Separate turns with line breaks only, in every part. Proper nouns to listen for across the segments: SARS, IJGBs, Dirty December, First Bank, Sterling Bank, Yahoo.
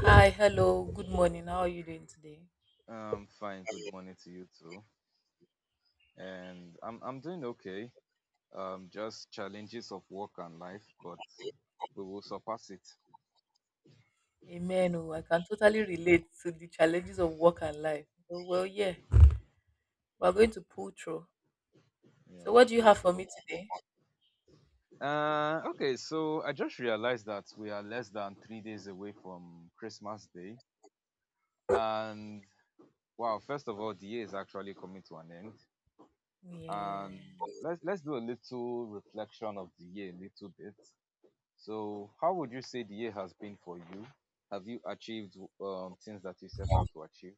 Hi, hello, good morning. How are you doing today?
Fine. Good morning to you too. And I'm doing okay. Just challenges of work and life, but we will surpass it.
Amen. Oh, I can totally relate to the challenges of work and life. Oh, well, yeah, we're going to pull through.
Yeah,
So,
we'll
what do you
pull
have for me
through.
today?
Okay. So I just realized that we are less than 3 days away from Christmas Day, and wow, first of all, the year is actually coming to an end.
Yeah.
And let's do a little reflection of the year, a little bit. So, how would you say the year has been for you? Have you achieved things that you set out to achieve?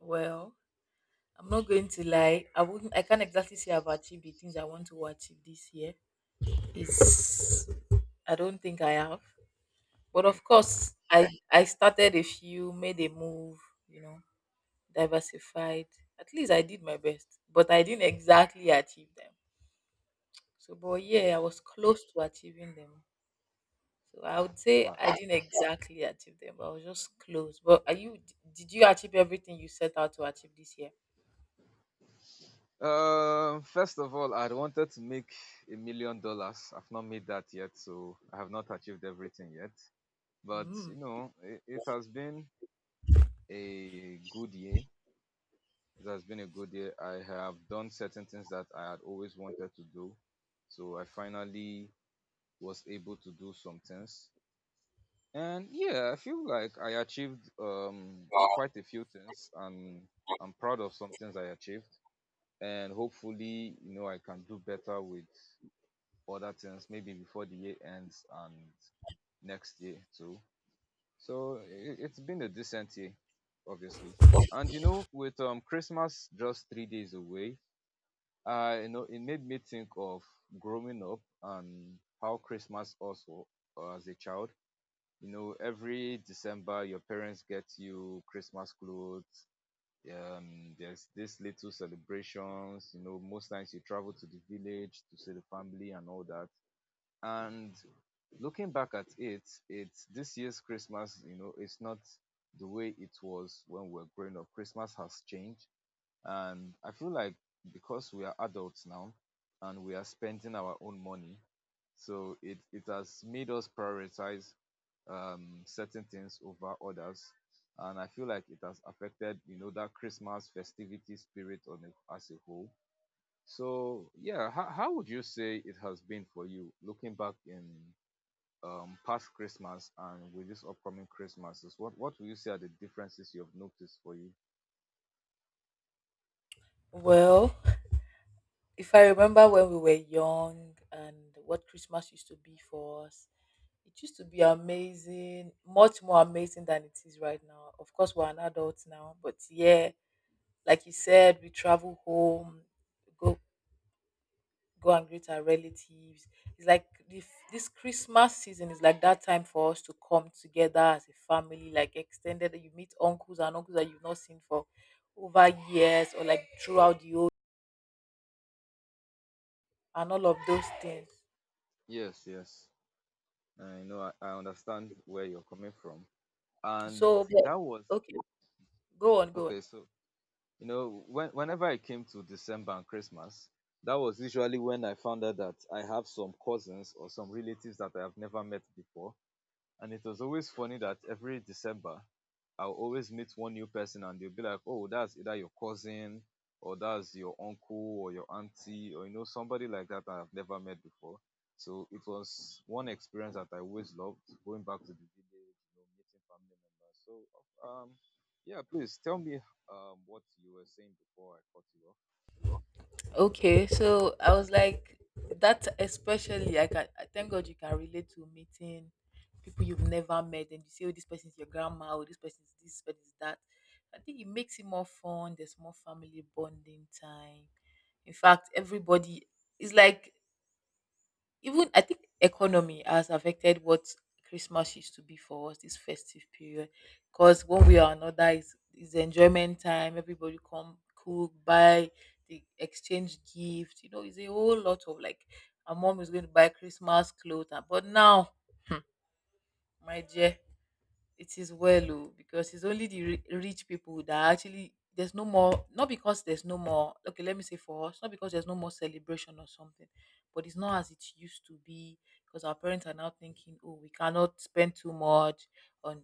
Well, I'm not going to lie. I wouldn't. I can't exactly say I've achieved the things I want to achieve this year. It's. I don't think I have. But of
Okay.
course, I started a few, made a move. You know, diversified. At least I did my best, but I didn't exactly achieve them. So, but yeah, I was close to achieving them. So I would say
Right.
I didn't exactly achieve them, but I was just close. But are you? Did you achieve everything you set out to achieve this year?
First of all, I wanted to make $1 million. I've not made that yet, so I have not achieved everything yet. But you
Mm.
know, it has been a good year. It has been a good year. I have done certain things that I had always wanted to do. So I finally was able to do some things. And yeah, I feel like I achieved quite a few things, and I'm proud of some things I achieved, and hopefully, you know, I can do better with other things maybe before the year ends and next year too. So it's been a decent year, obviously. And you know, with Christmas just 3 days away, you know it made me think of growing up and how Christmas also as a child, you know, every December your parents get you Christmas clothes. There's this little celebrations, you know, most times you travel to the village to see the family and all that. And looking back at it, it's this year's Christmas, you know, it's not the way it was when we were growing up. Christmas has changed, and I feel like because we are adults now and we are spending our own money, so it has made us prioritize certain things over others. And I feel like it has affected, you know, that Christmas festivity spirit on a, as a whole. So yeah, how would you say it has been for you looking back in past Christmas and with this upcoming Christmases? What will you say are the differences you have noticed for you?
Well, if I remember when we were young and what Christmas used to be for us, it used to be amazing, much more amazing than it is right now. Of course, we're an adult now, but yeah, like you said, we travel home, go go and greet our relatives. It's like this Christmas season is like that time for us to come together as a family, like extended. You meet uncles and uncles that you've not seen for over years or like throughout the old, and all of those things.
Yes, yes. I know I understand where you're coming from. And
So yeah.
that was
Okay. Go on, go on.
okay, so you know, when whenever I came to December and Christmas, that was usually when I found out that I have some cousins or some relatives that I have never met before. And it was always funny that every December I'll always meet one new person and they'll be like, oh, that's either your cousin or that's your uncle or your auntie or you know somebody like that I've never met before. So it was one experience that I always loved going back to the village, you know, meeting family members. So yeah, please tell me what you were saying before I cut you off.
Okay, so I was like that, especially I can, I thank God you can relate to meeting people you've never met and you say, oh, this person's your grandma, oh, this person's, this person is that. I think it makes it more fun, there's more family bonding time. In fact, everybody is like, even I think economy has affected what Christmas used to be for us, this festive period. Because one way or another is enjoyment time. Everybody come cook, buy, the exchange gift. You know, it's a whole lot of like our mom is going to buy Christmas clothes. And but now, my dear, it is well, oh, because it's only the rich people that actually, there's no more, not because there's no more, okay, let me say for us, not because there's no more celebration or something, but it's not as it used to be because our parents are now thinking, oh, we cannot spend too much on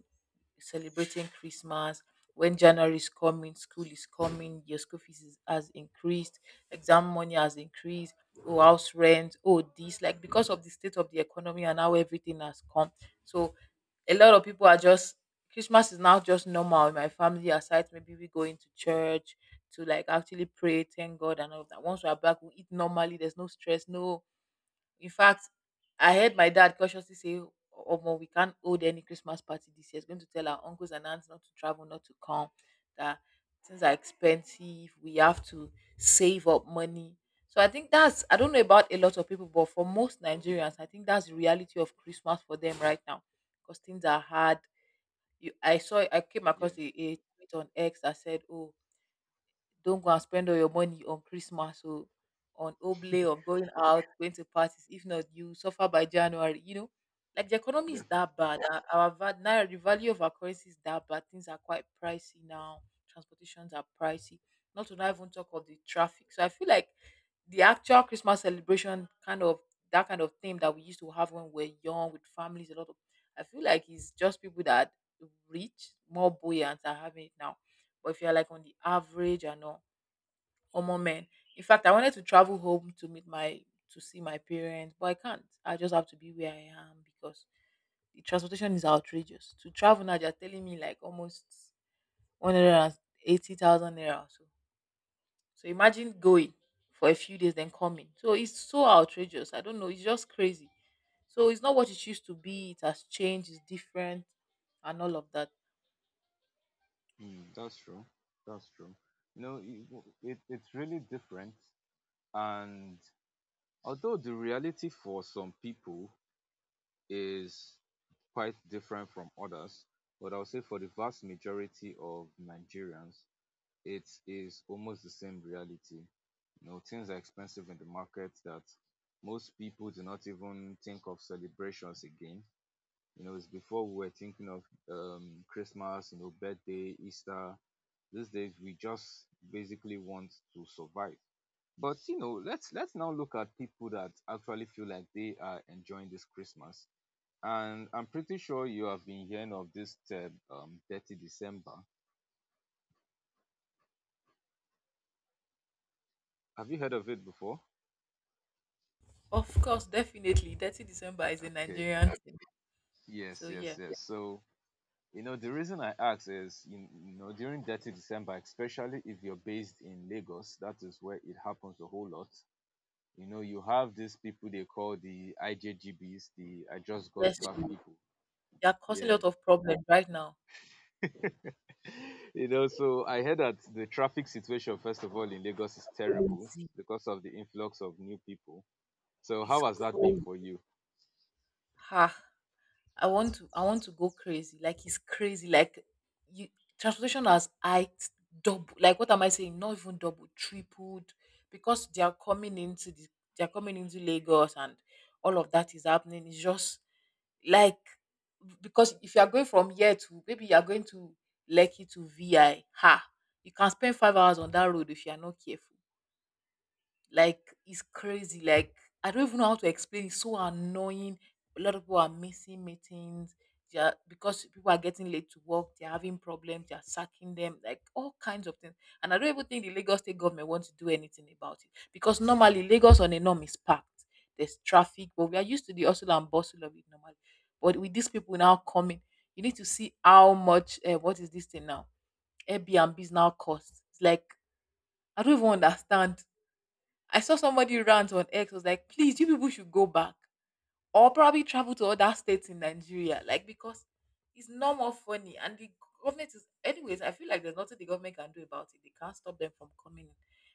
celebrating Christmas when January is coming, school is coming, your school fees is, has increased, exam money has increased, oh, house rent, oh this, like, because of the state of the economy and how everything has come. So a lot of people are just, Christmas is now just normal in my family. Aside, maybe we go into church to like actually pray, thank God, and all of that. Once we are back, we eat normally. There's no stress, no, in fact, I heard my dad cautiously say, "Omo, we can't hold any Christmas party this year. He's going to tell our uncles and aunts not to travel, not to come. That things are expensive. We have to save up money." So I think that's, I don't know about a lot of people, but for most Nigerians, I think that's the reality of Christmas for them right now, because things are hard. You, I saw I came
Yeah,
across a tweet on X that said, "Oh, don't go and spend all your money on Christmas or on oblay or going out, going to parties. If not, you suffer by January." You know, like the economy is that
definitely.
bad. Naira, the value of our currency is that bad. Things are quite pricey now. Transportations are pricey. Not to not even talk of the traffic. So I feel like the actual Christmas celebration, kind of that kind of thing that we used to have when we are young with families, a lot of. I feel like it's just people that rich, more buoyant are having it now. But if you're like on the average and all, or more men. In fact, I wanted to travel home to meet my, to see my parents, but I can't. I just have to be where I am because the transportation is outrageous. To travel now, they're telling me like almost 180,000 naira or so, so imagine going for a few days, then coming. So it's so outrageous. I don't know. It's just crazy. So it's not what it used to be. It has changed. It's different, and all of that.
Mm, that's true. That's true. You know, it it's really different, and although the reality for some people is quite different from others, but I would say for the vast majority of Nigerians, it is almost the same reality. You know, things are expensive in the market that most people do not even think of celebrations again. You know, it's before we were thinking of Christmas, you know, birthday, Easter. These days, we just basically want to survive. But you know, let's now look at people that actually feel like they are enjoying this Christmas, and I'm pretty sure you have been hearing of this term, Dirty December. Have you heard of it before?
Of course, definitely, 30 December is a
Okay.
Nigerian thing. So
Yes,
yeah,
yes, yes. So, you know, the reason I ask is, you know, during Dirty December, especially if you're based in Lagos, that is where it happens a whole lot. You know, you have these people they call the IJGBs, the I just got
bless.
back people.
They are causing a
Yeah.
lot of problems right now.
You know, so I heard that the traffic situation, first of all, in Lagos is terrible
Crazy.
because of the influx of new people. So
It's
how has that been
crazy.
for you?
Ha. I want to go crazy. Like, it's crazy. Like, you, transportation has hiked double, like, what am I saying? Not even double, tripled. Because they are coming into the, they are coming into Lagos and all of that is happening. It's just like, because if you are going from here to maybe you are going to Lekki to VI, ha, you can spend 5 hours on that road if you are not careful. Like, it's crazy. Like, I don't even know how to explain. It's so annoying. A lot of people are missing meetings. They are, because people are getting late to work, they're having problems, they're sacking them, like all kinds of things. And I don't even think the Lagos state government wants to do anything about it. Because normally Lagos on a norm is packed. There's traffic, but we are used to the hustle and bustle of it normally. But with these people now coming, you need to see how much what is this thing now? Airbnb's now cost. It's like, I don't even understand. I saw somebody rant on X was like, please, you people should go back or probably travel to other states in Nigeria, like, because it's no more funny. And the government is, anyways, I feel like there's nothing the government can do about it. They can't stop them from coming in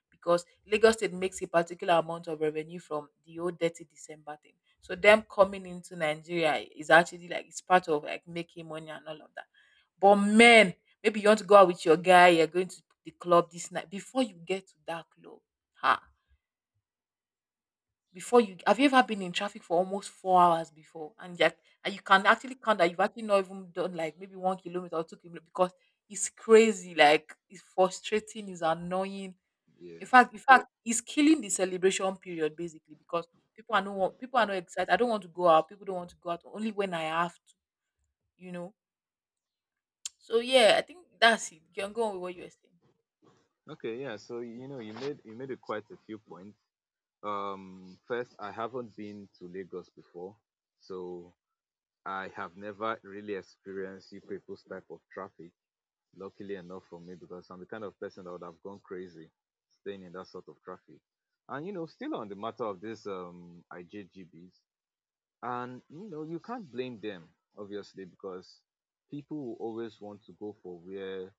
because Lagos State makes a particular amount of revenue from the old dirty December thing. So them coming into Nigeria is actually like, it's part of like making money and all of that. But men, maybe you want to go out with your guy, you're going to the club this night. Before you get to that club, ha, before, you have you ever been in traffic for almost 4 hours before and yet, and you can actually count that you've actually not even done like maybe 1 kilometer or 2 kilometers, because it's crazy, like, it's frustrating, it's annoying, in
Yeah.
fact in fact it's killing the celebration period basically because people are not, people are not excited. I don't want to go out, people don't want to go out only when I have to. You know, so yeah, I think that's it. You can go on with what you were saying.
Okay, yeah. So you know, you made it quite a few points. First, I haven't been to Lagos before, so I have never really experienced you people's type of traffic. Luckily enough for me because I'm the kind of person that would have gone crazy staying in that sort of traffic. And you know, still on the matter of this IJGBs, and you know, you can't blame them obviously because people will always want to go for where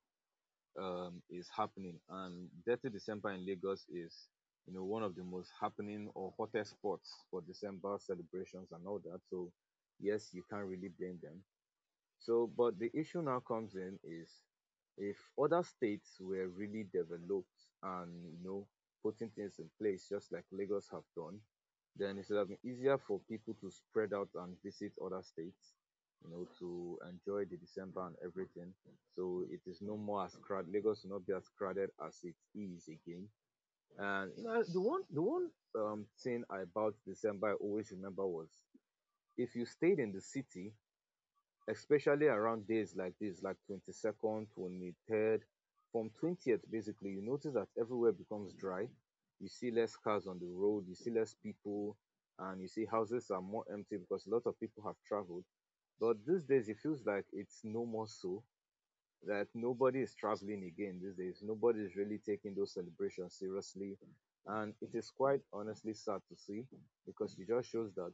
is happening. And Dirty December in Lagos is, you know, one of the most happening or hottest spots for December celebrations and all that. So yes, you can't really blame them. So, but the issue now comes in is if other states were really developed and you know putting things in place just like Lagos have done, then it would have been easier for people to spread out and visit other states, you know, to enjoy the December and everything. So it is no more as crowded. Lagos will not be as crowded as it is again. And you know, the one thing about December I always remember was if you stayed in the city especially around days like this, like 22nd, 23rd, from 20th, basically, you notice that everywhere becomes dry. You see less cars on the road, you see less people, and you see houses are more empty because a lot of people have traveled. But these days, it feels like it's no more so that nobody is traveling again these days. Nobody is really taking those celebrations seriously. And it is quite honestly sad to see because it just shows that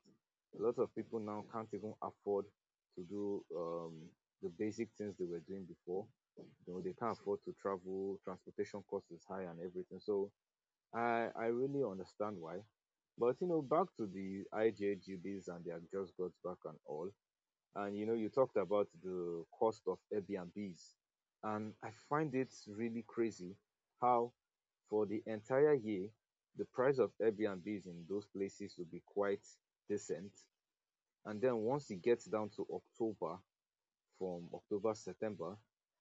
a lot of people now can't even afford to do the basic things they were doing before. You know, they can't afford to travel, transportation cost is high and everything. So I really understand why. But you know, back to the IJGBs and their just got back and all, and you know you talked about the cost of Airbnbs, and I find it really crazy how for the entire year the price of Airbnbs in those places will be quite decent, and then once it gets down to October, from October, September,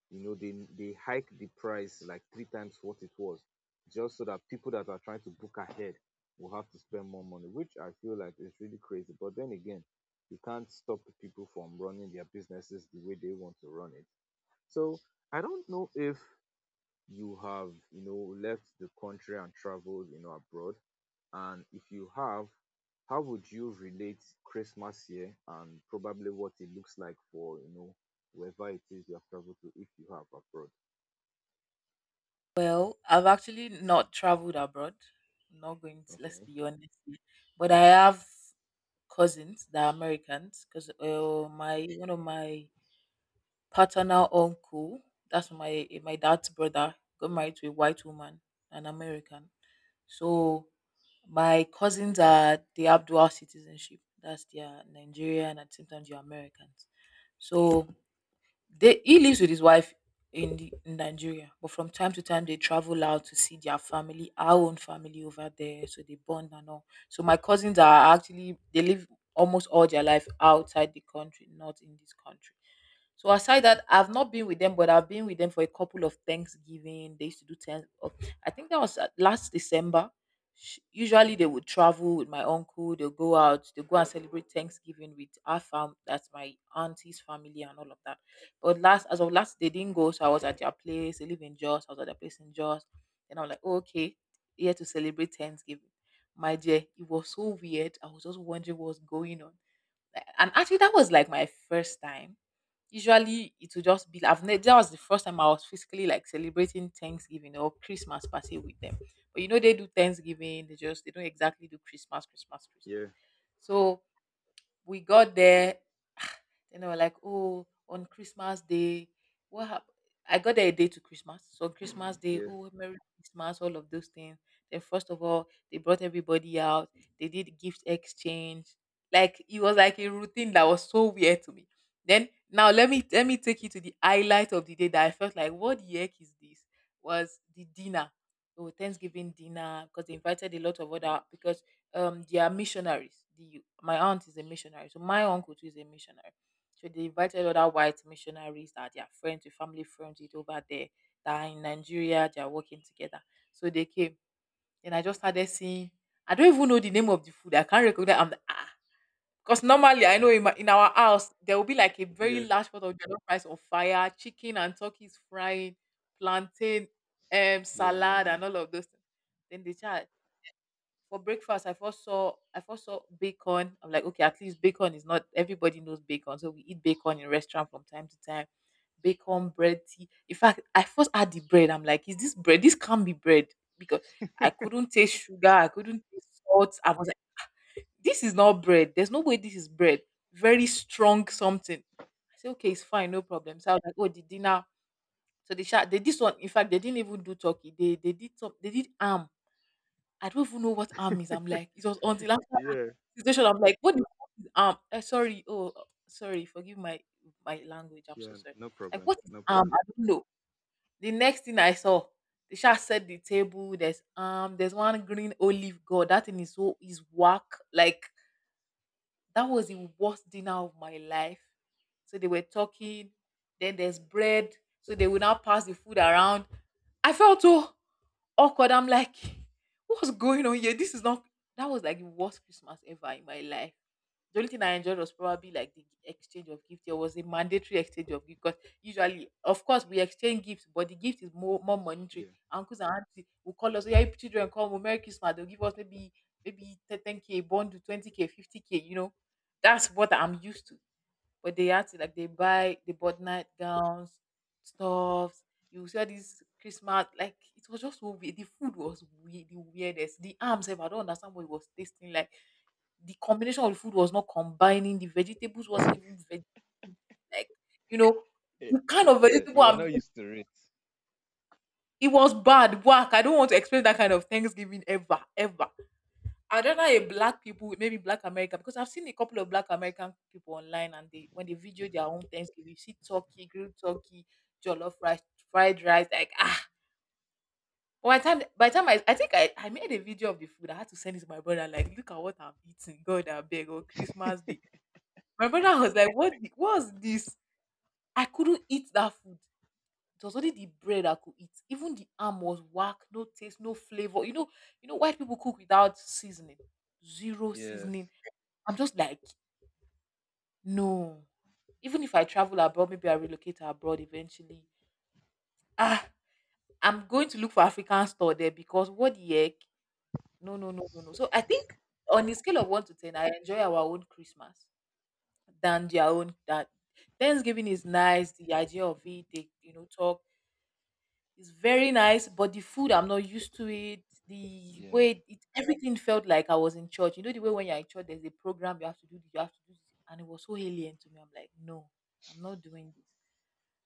you know, they hike the price like three times what it was, just so that people that are trying to book ahead will have to spend more money, which I feel like is really crazy. But then again, you can't stop people from running their businesses the way they want to run it. So I don't know if you have you know left the country and traveled you know abroad, and if you have, how would you relate Christmas here and probably what it looks like for you know wherever it is you have traveled to if you have abroad.
Well, I've actually not traveled abroad. I'm not going to, let's
Okay.
be honest here. But I have cousins that are Americans because my one of my paternal uncle, that's my, my dad's brother, got married to a white woman, an American. So my cousins are, they have dual citizenship. That's their Nigerian and sometimes you're Americans. So they, he lives with his wife in the, in Nigeria, but from time to time they travel out to see their family, our own family over there, so they bond and all. So my cousins are actually, they live almost all their life outside the country, not in this country. So aside that, I've not been with them, but I've been with them for a couple of Thanksgiving. They used to do ten of. I think that was last December. Sh- usually they would travel with my uncle. They'll go out. They'll go and celebrate Thanksgiving with our fam. That's my auntie's family and all of that. But last, as of last, they didn't go, so I was at their place. They live in Jos. I was at their place in Jos. And I'm like, "Oh, okay, here to celebrate Thanksgiving." My dear, it was so weird. I was just wondering what's going on. Like, and actually, that was like my first time. Usually, it would just be. That was the first time I was physically like celebrating Thanksgiving or Christmas per se with them. But you know, they do Thanksgiving. They just, they don't exactly do Christmas, Christmas, Christmas.
Yeah,
So we got there, then they were like, oh, on Christmas Day, what happened? I got there a day to Christmas. So on Christmas Day,
yeah,
oh, Merry Christmas, all of those things. Then first of all, they brought everybody out. They did gift exchange. Like, it was like a routine that was so weird to me. Then now let me take you to the highlight of the day that I felt like, what the heck is this? Was the dinner. Oh, Thanksgiving dinner because they invited a lot of other because they are missionaries. The my aunt is a missionary, so my uncle too is a missionary. So they invited other white missionaries that are their friends, with family friends with over there that are in Nigeria, they are working together. So they came. And I just started seeing, I don't even know the name of the food. I can't recognize. I'm like, ah. Because normally I know in, my, in our house, there will be like a very
yeah,
large pot of jollof rice on fire, chicken and turkeys frying, plantain,
yeah, yeah,
salad,
yeah,
and all of those things. Then the child, for breakfast I first saw bacon. I'm like, okay, at least bacon is not, everybody knows bacon, so we eat bacon in restaurant from time to time. Bacon, bread, tea. In fact, I first had the bread. I'm like, is this bread? This can't be bread, because I couldn't taste sugar, I couldn't taste salt. I was like, this is not bread. There's no way this is bread. Very strong something. I said okay, it's fine, no problem. So I was like, oh, the dinner. So they, this one, in fact they didn't even do turkey. They did some, they did arm. I don't even know what arm is. I'm like, it was until
yeah,
situation. I'm like, what? The, fuck is, sorry. Oh, sorry. Forgive my language. I'm so
yeah.
sorry.
No
Like,
problem,
what is
no
um?
problem.
I don't know. The next thing I saw, the shark set the table. There's one green olive. God, that thing is so is whack. Like that was the worst dinner of my life. So they were talking. Then there's bread. So they will now pass the food around. I felt so awkward. I'm like, what's going on here? This is not. That was like the worst Christmas ever in my life. The only thing I enjoyed was probably like the exchange of gifts. There was a mandatory exchange of gifts because usually, of course, we exchange gifts, but the gift is more monetary.
Yeah.
Uncles and aunties will call us, "Oh, yeah, you children come, well, Merry Christmas. They'll give us maybe 10k, bond to 20k, 50k. You know, that's what I'm used to, but they had to like they buy they bought nightgowns, stuffs. You saw this Christmas, like it was just so weird. The food was weird, the weirdest. The arms, I don't understand what it was tasting like. The combination of the food was not combining. The vegetables wasn't even veg. Like you know,
Eh.
the kind of
Yeah,
vegetable
you are
I'm,
not used to it.
it was bad. Whack. I don't want to experience that kind of Thanksgiving ever, ever. I don't know, a black people, maybe black America, because I've seen a couple of black American people online, and they, when they video their own Thanksgiving, you see turkey, grilled turkey, jollof rice, fried rice, like ah. But By the time I think I made a video of the food. I had to send it to my brother, like, look at what I'm eating. God, I beg, on Christmas Day. My brother was like, what's this? I couldn't eat that food. It was only the bread I could eat. Even the arm was whack, no taste, no flavor. You know, white people cook without seasoning. Zero
Yes,
seasoning. I'm just like, no. Even if I travel abroad, maybe I relocate abroad eventually. Ah, I'm going to look for African store there, because what the heck? No, no, no, no, no. So I think on a scale of 1 to 10, I enjoy our own Christmas than their own. That Thanksgiving is nice, the idea of it, they you know, talk is very nice, but the food, I'm not used to it. The
yeah.
way it everything felt like I was in church. You know the way when you're in church, there's a program you have to do, you have to do this, and it was so alien to me. I'm like, no, I'm not doing this.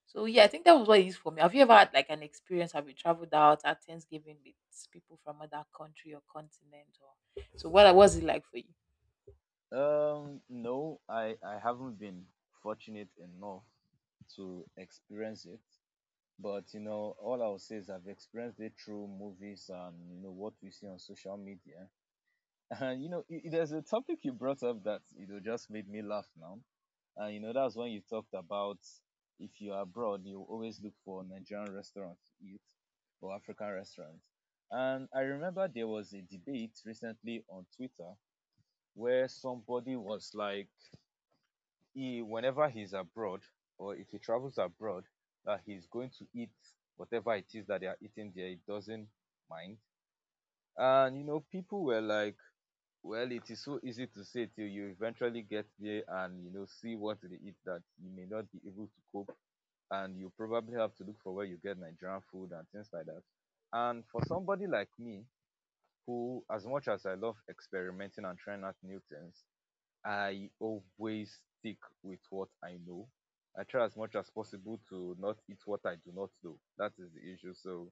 So yeah, I think that was what it is for me. Have you ever had like an experience? Have you traveled out at Thanksgiving with people from other country or continent? Or so what was it like for you?
No, I haven't been fortunate enough to experience it. But you know, all I'll say is I've experienced it through movies and you know what we see on social media. And you know, there's a topic you brought up that you know just made me laugh now. And you know, that's when you talked about if you are abroad, you always look for Nigerian restaurants to eat or African restaurants. And I remember there was a debate recently on Twitter where somebody was like he whenever he's abroad or if he travels abroad that he's going to eat whatever it is that they are eating there, he doesn't mind. And you know people were like, well, it is so easy to say till you eventually get there and you know see what they eat that you may not be able to cope, and you probably have to look for where you get Nigerian food and things like that. And for somebody like me who as much as I love experimenting and trying out new things, I always stick with what I know. I try as much as possible to not eat what I do not know. That is the issue. So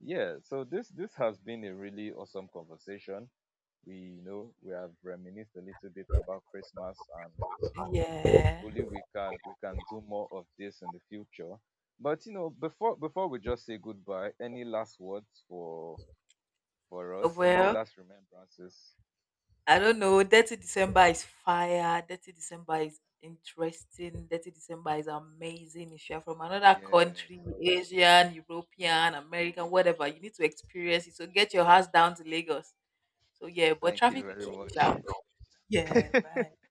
yeah, so this has been a really awesome conversation. We you know we have reminisced a little bit about Christmas, and
Yeah.
hopefully we can do more of this in the future. But you know, before we just say goodbye, any last words for us? Any
Well,
last remembrances?
I don't know. Dirty December is fire. Dirty December is interesting. Dirty December is amazing. If you're from another country,
Yes.
Asian, European, American, whatever, you need to experience it. So get your house down to Lagos. So yeah, but
Thank you
traffic will
very
kill you.
much.
Sha. Yeah, bye.